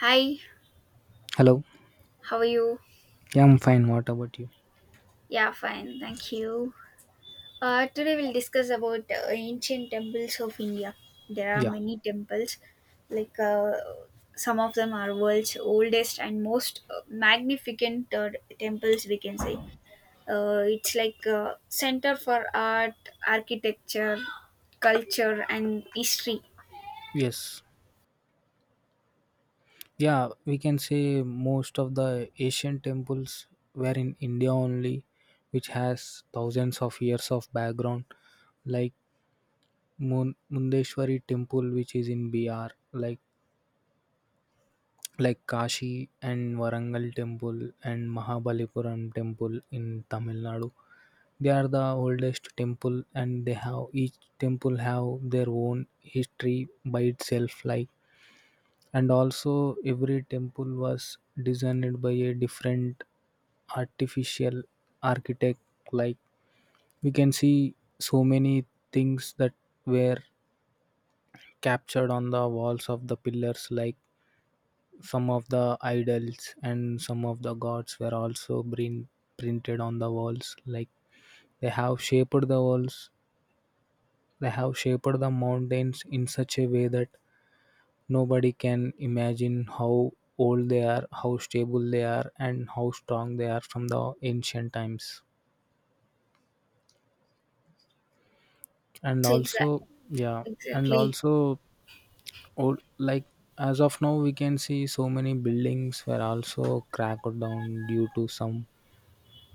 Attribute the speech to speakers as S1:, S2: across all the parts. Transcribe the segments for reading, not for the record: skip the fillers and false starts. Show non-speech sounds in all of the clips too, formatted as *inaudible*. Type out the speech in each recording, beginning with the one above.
S1: Hi,
S2: Hello.
S1: how are you?
S2: Yeah, I'm fine. What about you?
S1: Yeah, fine, thank you. Today we'll discuss about ancient temples of India. There are
S2: Yeah.
S1: many temples, like, some of them are world's oldest and most magnificent temples. We can say it's like a center for art, architecture, culture, and history.
S2: Yes. Yeah, we can say most of the Asian temples were in India only, which has thousands of years of background, like Mundeshwari temple, which is in BR, like like Kashi and Varangal temple and Mahabalipuram temple in Tamil Nadu. They are the oldest temple and they have each temple have their own history by itself, like, and also every temple was designed by a different artificial architect, like we can see so many things that were captured on the walls of the pillars, like some of the idols and some of the gods were also printed on the walls. Like they have shaped the walls, they have shaped the mountains in such a way that nobody can imagine how old they are, how stable they are, and how strong they are from the ancient times. And
S1: So,
S2: also, yeah, and
S1: exactly.
S2: also, old, like as of now, we can see so many buildings were also cracked down due to some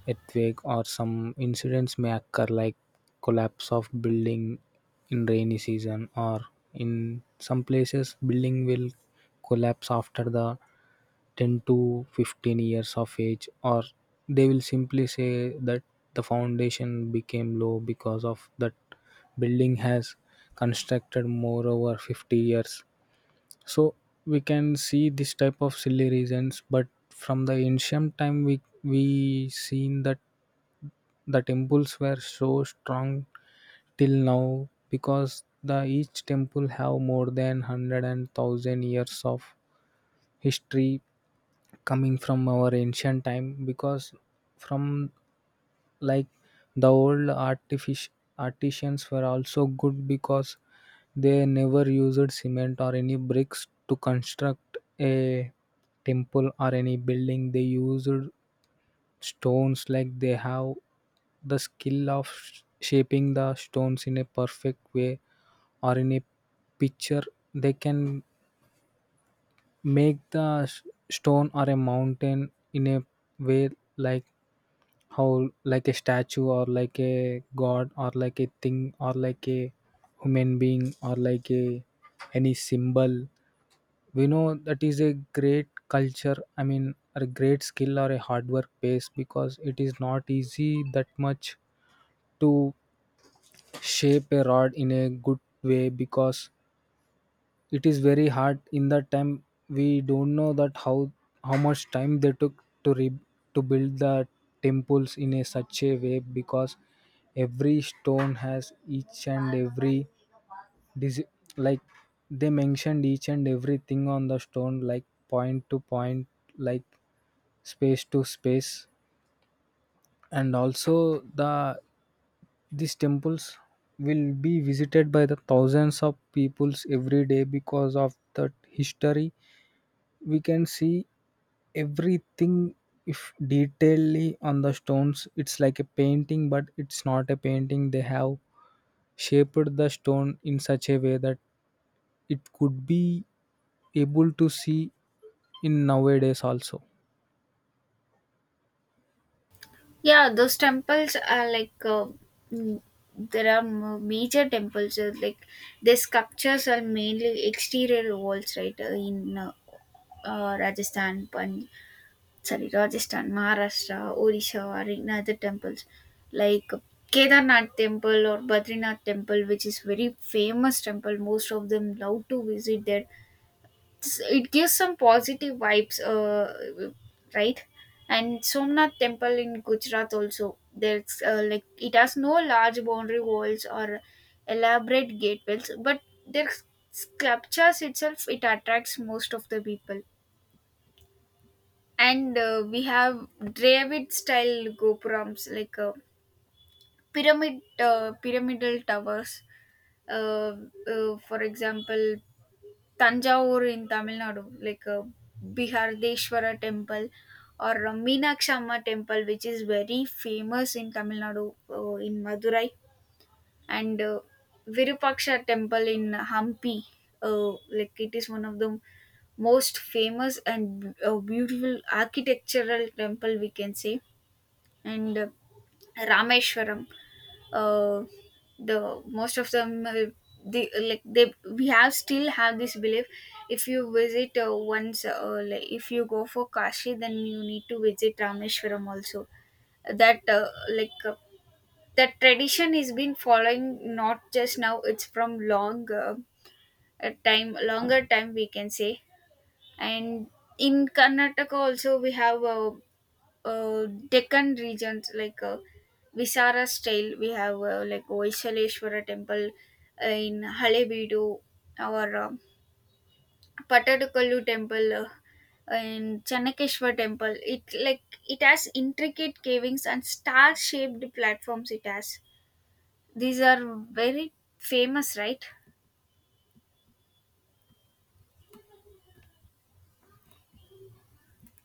S2: earthquake or some incidents may occur like collapse of building in rainy season, or in some places building will collapse after the 10 to 15 years of age, or they will simply say that the foundation became low because of that building has constructed more over 50 years. So we can see this type of silly reasons, but from the ancient time we seen that the temples were so strong till now because the each temple have more than one hundred and thousand years of history coming from our ancient time, because from, like, the artisans were also good because they never used cement or any bricks to construct a temple or any building. They used stones, like they have the skill of shaping the stones in a perfect way, or in a picture they can make the stone or a mountain in a way, like how like a statue or like a god or like a thing or like a human being or like a any symbol we know, that is a great culture, I mean, or a great skill or a hard work base, because it is not easy that much to shape a rod in a good way, because it is very hard in that time. We don't know that how much time they took to to build the temples in a such a way, because every stone has each and every dis- like they mentioned each and everything on the stone, like point to point, like space to space, and also the these temples will be visited by the thousands of peoples every day because of that history. We can see everything if detailedly on the stones. It's like a painting, but it's not a painting. They have shaped the stone in such a way that it could be able to see in nowadays also.
S1: Yeah, those temples are like, mm, there are major temples. Like the sculptures are mainly exterior walls, right? In Rajasthan, sorry, Rajasthan, Maharashtra, Odisha are in other temples like Kedarnath temple or Badrinath temple, which is very famous temple. Most of them love to visit there. It gives some positive vibes, right. And Somnath temple in Gujarat also. There's like it has no large boundary walls or elaborate gateways, but their sculptures itself it attracts most of the people. And we have dravid style gopurams, like, pyramid pyramidal towers. uh, for example, Tanjavur in Tamil Nadu, like, Bihardeshwara temple or Meenakshi Amma temple, which is very famous in Tamil Nadu in Madurai, and Virupaksha temple in Hampi. Like it is one of the most famous and beautiful architectural temple, we can say, and Rameshwaram, uh, the most of them, the like they we have still have this belief. If you visit once, like if you go for Kashi, then you need to visit Rameshwaram also. That, like, that tradition is been following, not just now, it's from long, a time, longer time, we can say. And in Karnataka also we have, Deccan regions, like, Visara style. We have, like Vaisaleshwara temple, in Halebeedu, our Patadakallu temple, in Channakeshwar temple. It, like, it has intricate cavings and star-shaped platforms. It has these are very famous, right?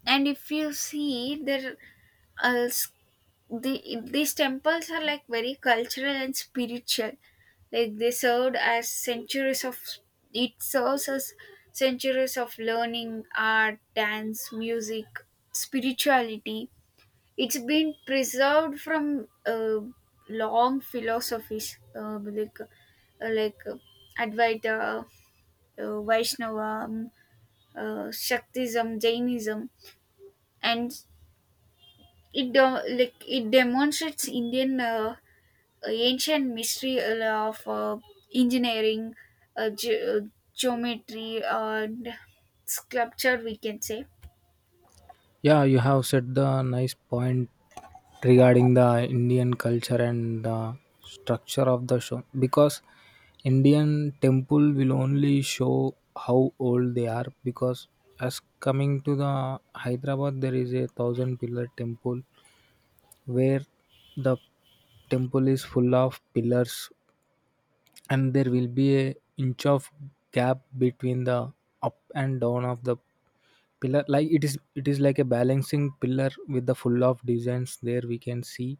S1: And if you see there, uh, these temples are like very cultural and spiritual, like they served as centuries of it serves as centuries of learning, art, dance, music, spirituality. It's been preserved from long philosophies, like uh, advaita, vaishnava, shaktism, jainism, and like it demonstrates Indian, ancient mystery of engineering, uh, ge- uh, geometry, and sculpture, we can say.
S2: Yeah, you have said the nice point regarding the Indian culture and structure of the show, because Indian temple will only show how old they are. Because as coming to the Hyderabad, there is a thousand pillar temple where the temple is full of pillars, and there will be a inch of gap between the up and down of the pillar. Like it is like a balancing pillar with the full of designs. There we can see,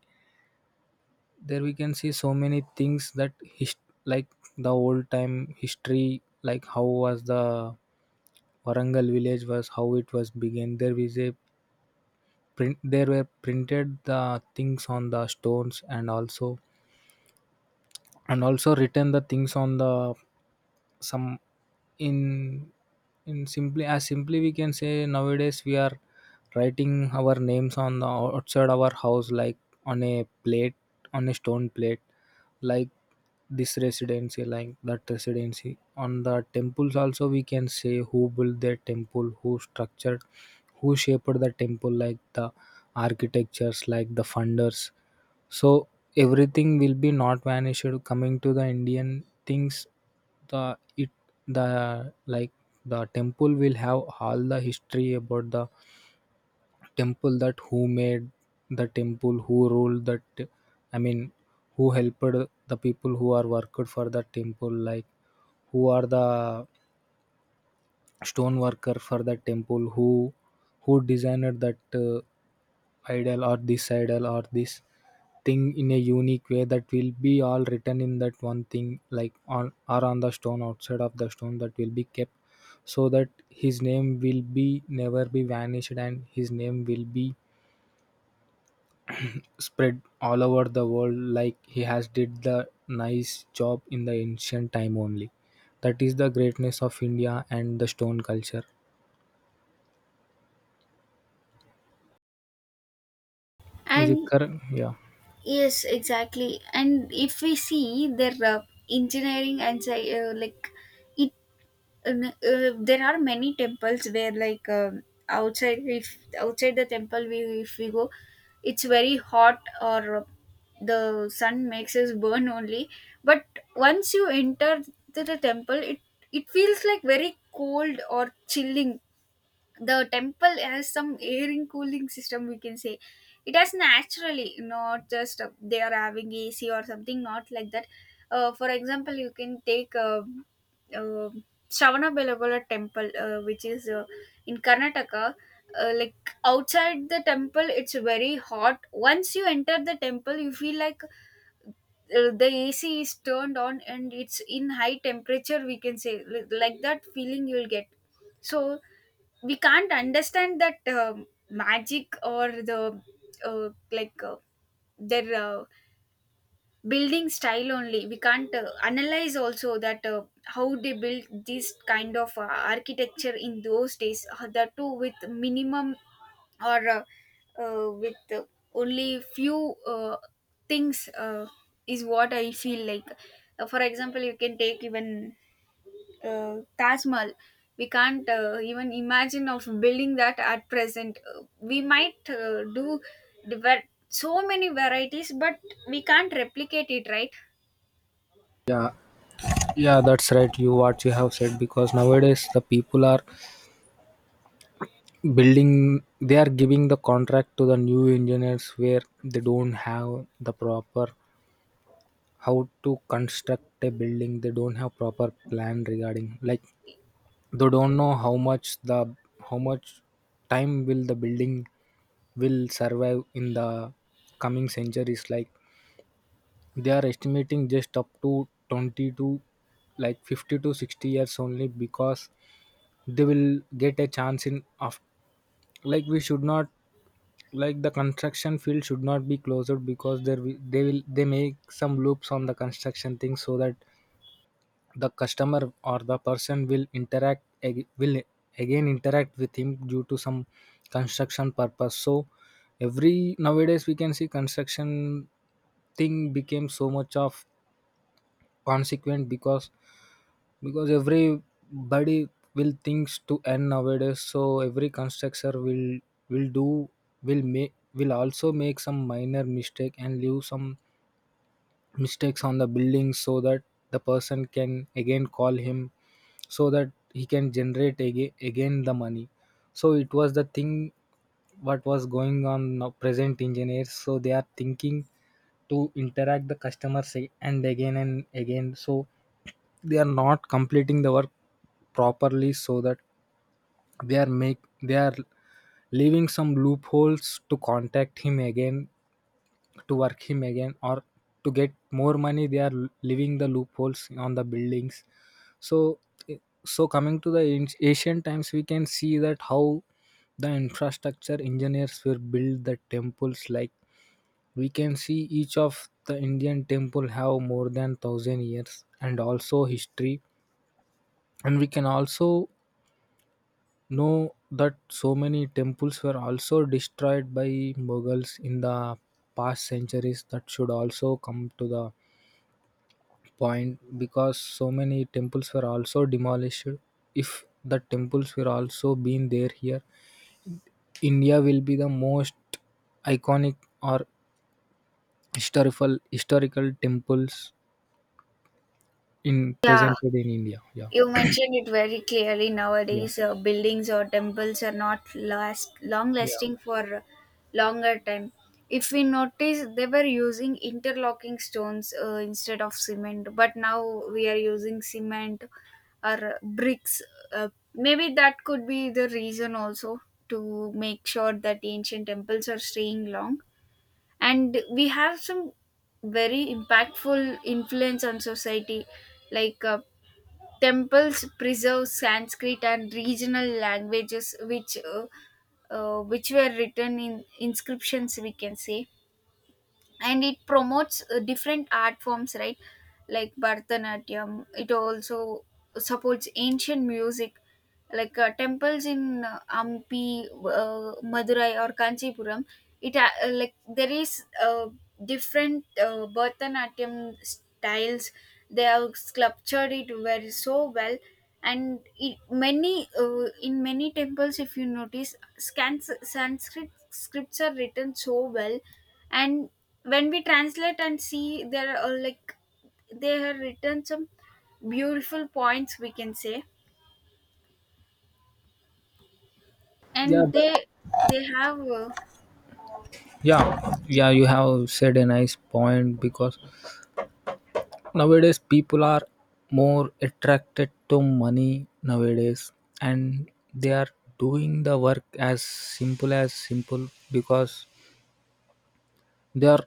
S2: there we can see so many things that his, like the old time history, like how was the Warangal village was, how it was began. There is a print, there were printed the things on the stones, and also written the things on the some in in simply, as simply we can say, nowadays we are writing our names on the outside our house, like on a plate, on a stone plate, like this residency, like that residency on the temples also we can say who built the temple, who structured, who shaped the temple, like the architectures, like the funders. So everything will be not vanished. Coming to the Indian things, the it, the like, the temple will have all the history about the temple, that who made the temple, who ruled that. I mean, who helped the people who are worked for the temple, like who are the stone worker for that temple, who designed that idol or this thing in a unique way, that will be all written in that one thing, like on or on the stone, outside of the stone that will be kept, so that his name will be never be vanished and his name will be spread all over the world, like he has did the nice job in the ancient time only. That is the greatness of India and the stone culture, is it
S1: And
S2: correct? Yeah.
S1: yes, exactly. And if we see their engineering and like it. And, there are many temples where, like, outside, if outside the temple, we if we go, it's very hot, or the sun makes us burn only, but once you enter to the temple, it feels like very cold or chilling. The temple has some air cooling system, we can say. It has naturally, not just, they are having AC or something, not like that. For example, you can take, uh, Shravana Belagola temple, which is in Karnataka, like, outside the temple it's very hot. Once you enter the temple you feel like, the AC is turned on and it's in high temperature, we can say. Like that feeling you'll get. So we can't understand that, magic, or the, like, their, building style only. We can't analyze also that, how they built this kind of, architecture in those days, that too with minimum, or, with, only few, things, is what I feel like. For example, you can take even, Taj Mahal. We can't even imagine of building that at present. We might do the, so many varieties, but we can't replicate it, right?
S2: Yeah, yeah, that's right. You what you have said, because nowadays the people are building, they are giving the contract to the new engineers where they don't have the proper how to construct a building. They don't have proper plan regarding, like, they don't know how much the, how much time will the building will survive in the coming centuries. Like they are estimating just up to 20 to, like, 50 to 60 years only, because they will get a chance in of, like, we should not, like, the construction field should not be closed, because they will they make some loops on the construction thing, so that the customer or the person will interact, will again interact with him due to some construction purpose. So every nowadays we can see construction thing became so much of consequent, because everybody will thinks to end nowadays, so every constructor will do, will make, will also make some minor mistake and leave some mistakes on the building, so that the person can again call him, so that he can generate again, again the money. So it was the thing what was going on now present engineers, so they are thinking to interact the customers and again and again, so they are not completing the work properly, so that they are make, they are leaving some loopholes to contact him again, to work him again, or to get more money, they are leaving the loopholes on the buildings. So eh, so coming to the ancient times we can see that how the infrastructure engineers will build the temples. Like we can see each of the Indian temple have more than 1000 years and also history, and we can also know that so many temples were also destroyed by Mughals in the past centuries. That should also come to the point, because so many temples were also demolished. If the temples were also been there here, India will be the most iconic or historical historical temples in
S1: Yeah,
S2: presented in India, yeah.
S1: you mentioned it very clearly,
S2: Yeah,
S1: nowadays. Buildings or temples are not last long
S2: yeah,
S1: lasting for longer time. If we notice, they were using interlocking stones instead of cement, but now we are using cement or bricks. Uh, Maybe that could be the reason also to make sure that ancient temples are staying long. And we have some very impactful influence on society, like. Temples preserve Sanskrit and regional languages, which were written in inscriptions, we can say. And it promotes different art forms, right, like bharatanatyam. It also supports ancient music, like temples in ampi, madurai or kanchipuram. It, like, there is different bharatanatyam styles. They have sculptured it very so well, and it, many in many temples, if you notice scans, sanskrit scripts are written so well. And when we translate and see, there are, like, they have written some beautiful points, we can say.
S2: yeah
S1: And
S2: that,
S1: they have
S2: yeah yeah you have said a nice point because nowadays people are more attracted to money nowadays, and they are doing the work as simple because they are,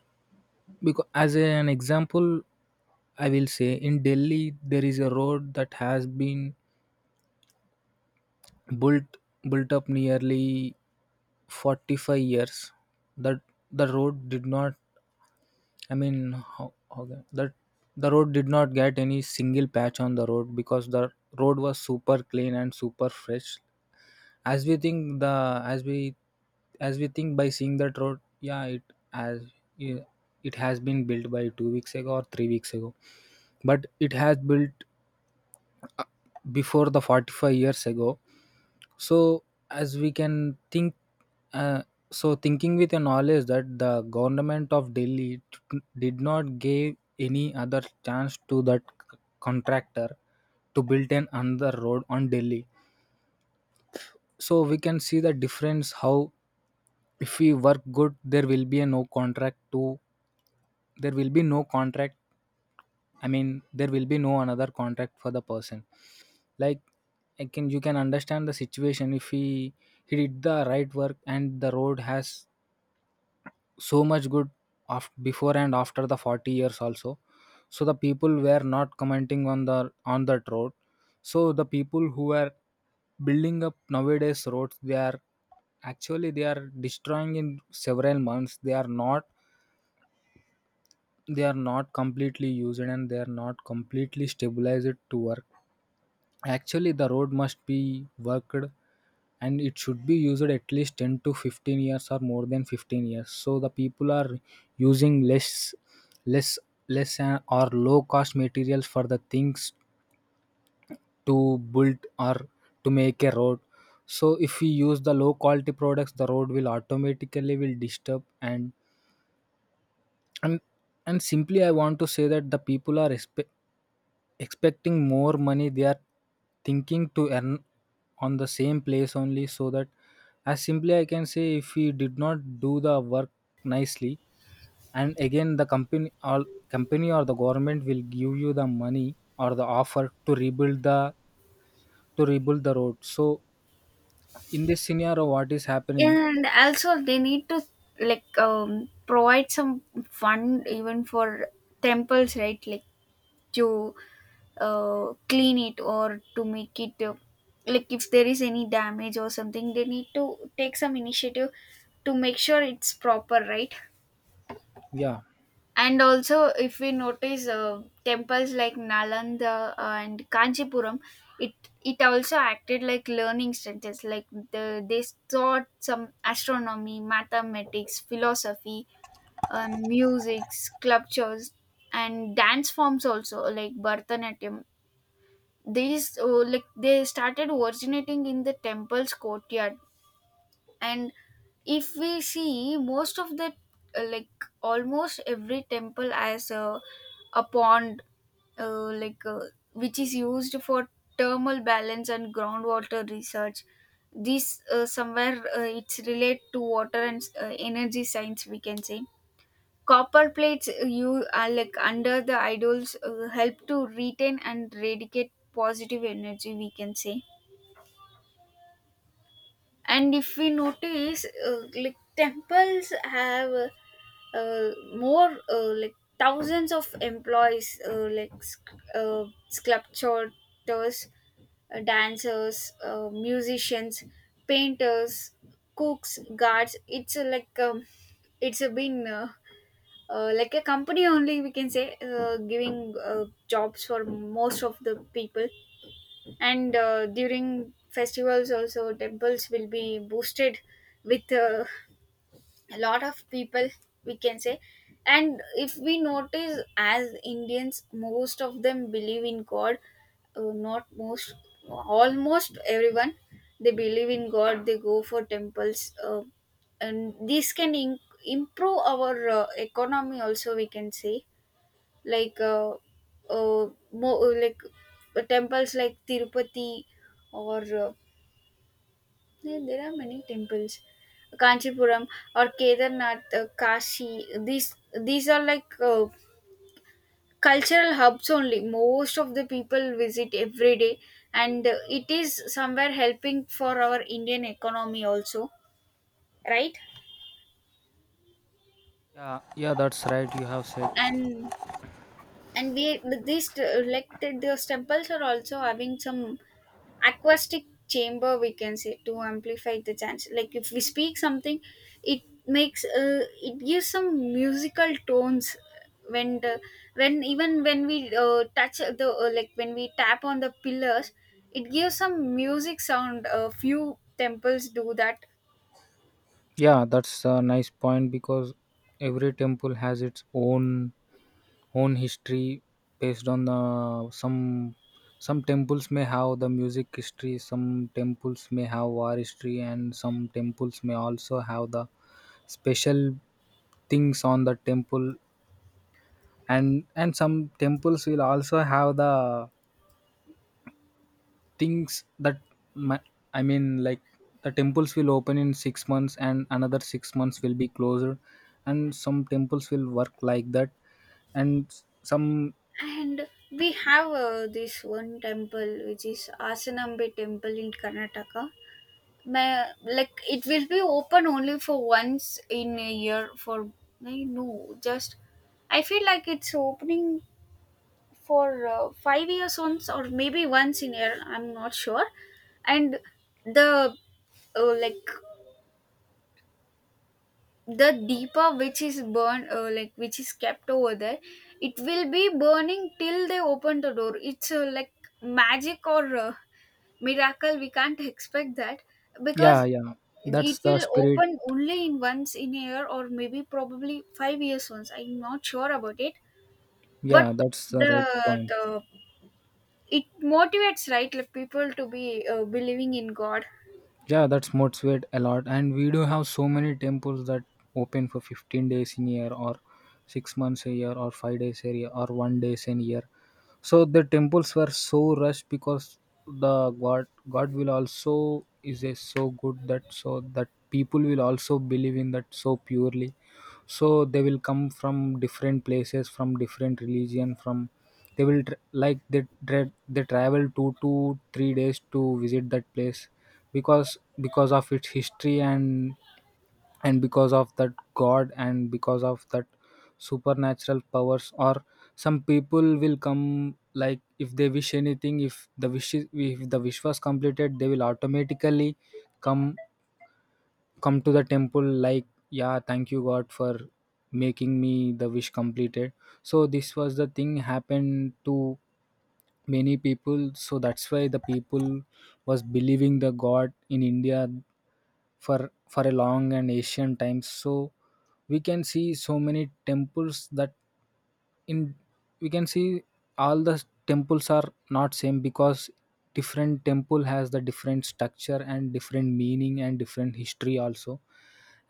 S2: because as an example, I will say in Delhi there is a road that has been built built up nearly 45 years. That the road did not, I mean, how, that the road did not get any single patch on the road, because the road was super clean and super fresh. As we think the, as we, as we think by seeing that road, yeah, it as, yeah, it has been built by 2 weeks ago or 3 weeks ago, but it has built before the 45 years ago. So as we can think, uh, so thinking with a knowledge that the government of Delhi did not give any other chance to that contractor to build an another road on Delhi. So we can see the difference, how if we work good there will be a no contract to, there will be no contract, I mean there will be no another contract for the person, like I can, you can understand the situation, if he he did the right work and the road has so much good after, before and after the 40 years also. So the people were not commenting on the, on that road. So the people who are building up nowadays roads they are actually they are destroying in several months. They are not, they are not completely used and they are not completely stabilized to work. Actually, the road must be worked and it should be used at least 10 to 15 years or more than 15 years. So the people are using less, less, less or low cost materials for the things to build or to make a road. So if we use the low quality products, the road will automatically will disturb and and simply I want to say that the people are expecting more money. They are thinking to earn on the same place only, so that as simply I can say, if we did not do the work nicely and again the company or the government will give you the money or the offer to rebuild the road. So in this scenario, what is happening?
S1: and also they need to, like, provide some fund even for temples, right, like to clean it or to make it, like if there is any damage or something, they need to take some initiative to make sure it's proper, right.
S2: Yeah,
S1: And also if we notice temples like nalanda and kanchipuram. it it also acted like learning centers, like, the, they taught some astronomy, mathematics, philosophy, music, sculptures, and dance forms also like bharatanatyam. These, like, they started originating in the temple's courtyard. And if we see most of the, like, almost every temple has a pond, like, which is used for thermal balance and groundwater research. This, somewhere, it's relate to water and energy science, we can say. Copper plates, you are like under the idols, help to retain and radiate positive energy, we can say. And if we notice like temples have, uh, more like thousands of employees, like sculptors, dancers, musicians, painters, cooks, guards. It's like it's been like a company only, we can say, giving jobs for most of the people. And during festivals also temples will be boosted with a lot of people, we can say. And if we notice, as Indians, most of them believe in god, not most, almost everyone. They believe in god, they go for temples, and this can improve our economy also, we can say. Like uh, like temples like Tirupati or yeah, there are many temples, Kanchipuram or Kedarnath, Kashi. These are like cultural hubs only. Most of the people visit every day, and it is somewhere helping for our Indian economy also, right.
S2: yeah, yeah, that's right, you have said.
S1: And we, these, like those temples are also having some acoustic chamber, we can say, to amplify the chance, like, if we speak something, it makes it gives some musical tones. When the, when even when we touch the, like when we tap on the pillars, it gives some music sound. A few temples do that.
S2: Yeah, that's a nice point because every temple has its own history based on the Some temples may have the music history, some temples may have war history, and some temples may also have the special things on the temple. And some temples will also have the things that my, I mean, like the temples will open in 6 months and another 6 months will be closer, and some temples will work like that. And some.
S1: And we have this one temple which is asanambe temple in Karnataka. Like it will be open only for once in a year for, I know just, I feel like it's opening for 5 years once or maybe once in a year, I'm not sure. And the, like the deeper which is burned, like which is kept over there, it will be burning till they open the door. It's, like magic or, miracle, we can't expect that,
S2: Yeah,
S1: because
S2: yeah,
S1: it
S2: that's the
S1: will
S2: spirit.
S1: open only in once in a year or maybe probably 5 years once, I'm not sure about it. But
S2: Yeah, that's the
S1: the
S2: right point.
S1: the it motivates, right, like people to be believing in god.
S2: Yeah, that's motivates a lot. And we do have so many temples that open for 15 days in a year or 6 months a year or 5 days a year or 1 days in a year. So the temples were so rushed because the God will also is a so good that so that people will also believe in that so purely. So they will come from different places, from different religion, from, they will tr like they tra- they travel 2 to 3 days to visit that place, because of its history, and because of that god, and because of that supernatural powers. Or some people will come, like, if they wish anything, if the wish was completed, they will automatically come come to the temple like, yeah, thank you god for making me the wish completed. So this was the thing happened to many people, so that's why the people was believing the god in India for a long and ancient times. So we can see so many temples that in, we can see all the temples are not same because different temple has the different structure and different meaning and different history also.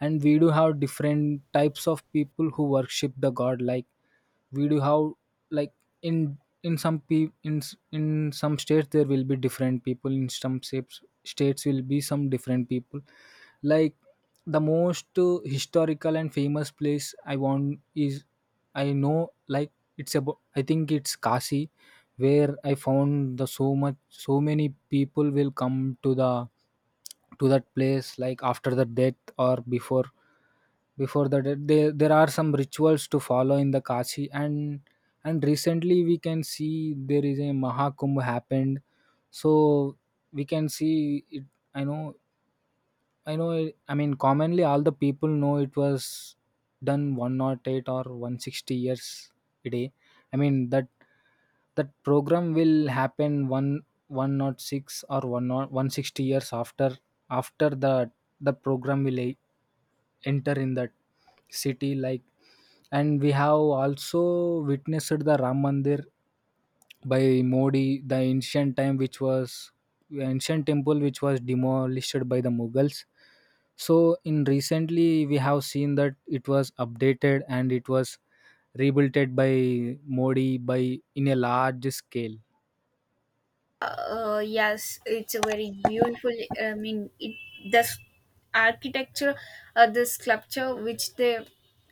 S2: And we do have different types of people who worship the god, like we do have, like, in in some pe- in s- in some states there will be different people, in some states will be some different people, like the most historical and famous place I want is, I know, like, it's about, I think it's Kashi, where I found the so much so many people will come to the to that place, like, after the death or before the death. There are some rituals to follow in the Kashi. And recently we can see there is a Mahakumbh happened, so we can see it. I know I know. It, I mean, commonly all the people know it was done 108 or 160 years a day. I mean that that program will happen one 106 or one 160 years after after the the program will enter in that city, like. And we have also witnessed the Ram Mandir by Modi, the ancient time which was ancient temple which was demolished by the Mughals. So in recently we have seen that it was updated and it was rebuilt by Modi by in a large scale.
S1: Yes, it's a very beautiful, I mean it, the architecture, the sculpture which they,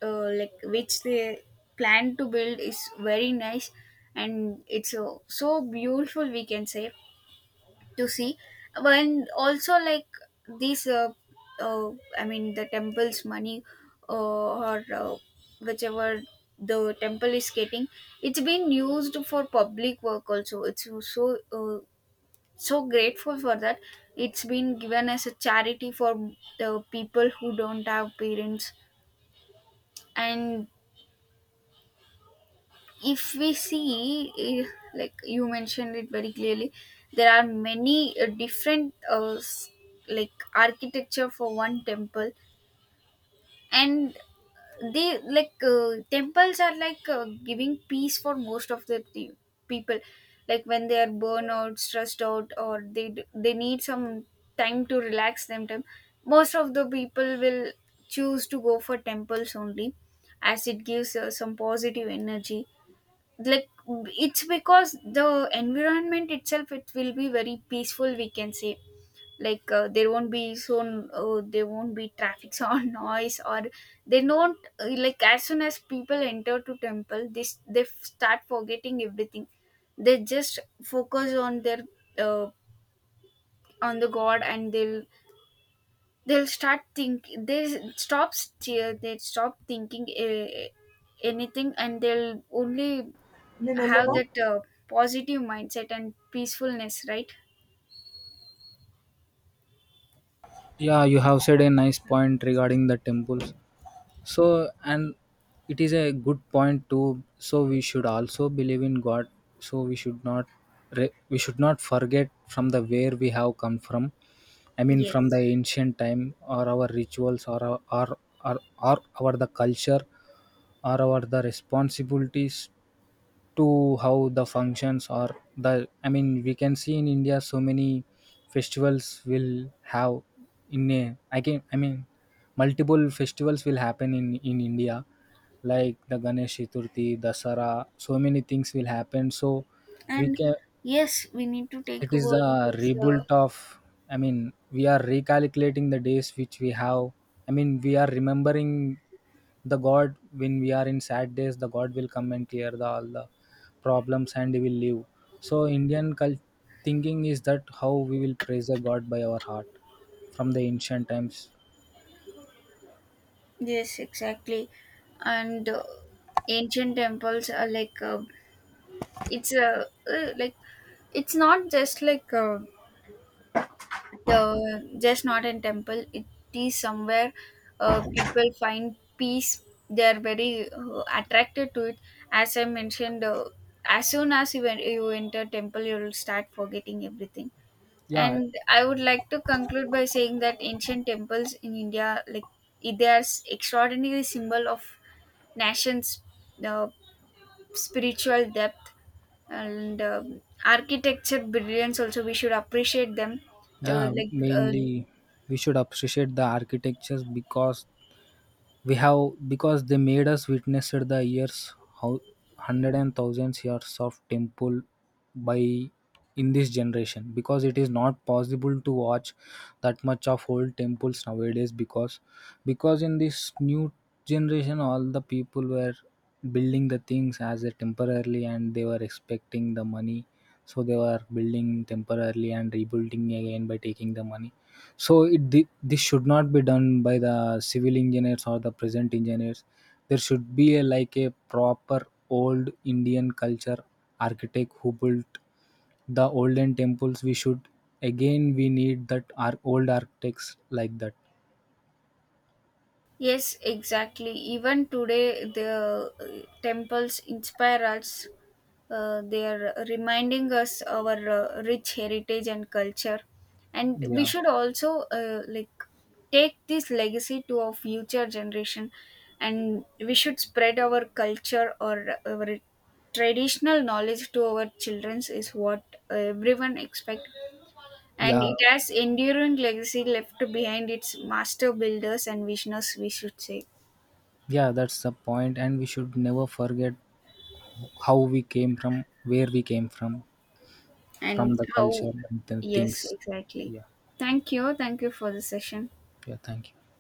S1: like which they plan to build, is very nice, and it's so, so beautiful, we can say, to see. And also like these, uh, I mean the temple's money, or whichever the temple is getting, it's been used for public work also. It's so so, so grateful for that. It's been given as a charity for the people who don't have parents. And if we see, eh, like you mentioned it very clearly, there are many different like architecture for one temple, and they, like temples are like giving peace for most of the people, like when they are burnout, stressed out, or they they need some time to relax them time. Most of the people will choose to go for temples only, as it gives some positive energy, like, it's because the environment itself it will be very peaceful, we can say, like, there won't be so, there won't be traffic or *laughs* noise, or they don't, like, as soon as people enter to temple, this, they start forgetting everything. They just focus on their, uh, on the god, and they'll start think they stop they stop thinking anything, and they'll only
S2: నేను
S1: have
S2: వెళ్ళను.
S1: that positive mindset and peacefulness, right.
S2: Yeah, you have said a nice point regarding the temples. So, and it is a good point too, so we should also believe in god. So we should not we should not forget from the where we have come from. I mean, from
S1: Yes.
S2: the ancient time, or our rituals, or or our the culture, or our the responsibilities, to how the functions, or the, I mean, we can see in India so many festivals will have. In a I can I mean, multiple festivals will happen in India, like the Ganesh Chaturthi, Dasara. So many things will happen. So we
S1: And
S2: can.
S1: yes, we need to take
S2: It is
S1: about
S2: the
S1: these,
S2: rebuilt of. I mean, we are recalculating the days which we have. I mean, we are remembering the God when we are in sad days. The God will come and clear the all the problems, and we will live. So Indian cult thinking is that how we will praise a God by our heart from the ancient times.
S1: yes, exactly. And ancient temples are like, it's a, like, it's not just like the just not a temple, it is somewhere, people find peace. They are very attracted to it. As I mentioned, as soon as you, you enter temple, you will start forgetting everything.
S2: Yeah,
S1: And I would like to conclude by saying that ancient temples in India, like, they are extraordinary symbol of nation's, uh, spiritual depth, and architecture brilliance. Also, we should appreciate them.
S2: yeah,
S1: Like, uh,
S2: mainly we should appreciate the architectures because we have because they made us witness the years, how hundred and thousands years of temple by, in this generation, because it is not possible to watch that much of old temples nowadays, because in this new generation all the people were building the things as a temporarily and they were expecting the money, so they were building temporarily and rebuilding again by taking the money. So this should not be done by the civil engineers or the present engineers. There should be like a proper old Indian culture architect who built the olden temples. We should again we need that our old architects like that.
S1: yes, exactly. Even today, the temples inspire us. They are reminding us our rich heritage and culture, and we
S2: Yeah,
S1: should also, like, take this legacy to our future generation, and we should spread our culture or our traditional knowledge to our childrens, is what everyone expect. And
S2: yeah,
S1: it has enduring legacy left behind its master builders and visionaries, we should say.
S2: yeah, that's the point, and we should never forget how we came from, where we came from
S1: And
S2: the
S1: how,
S2: culture and the
S1: yes,
S2: things.
S1: exactly.
S2: Yeah,
S1: Thank you, thank you for the session.
S2: yeah. Thank you.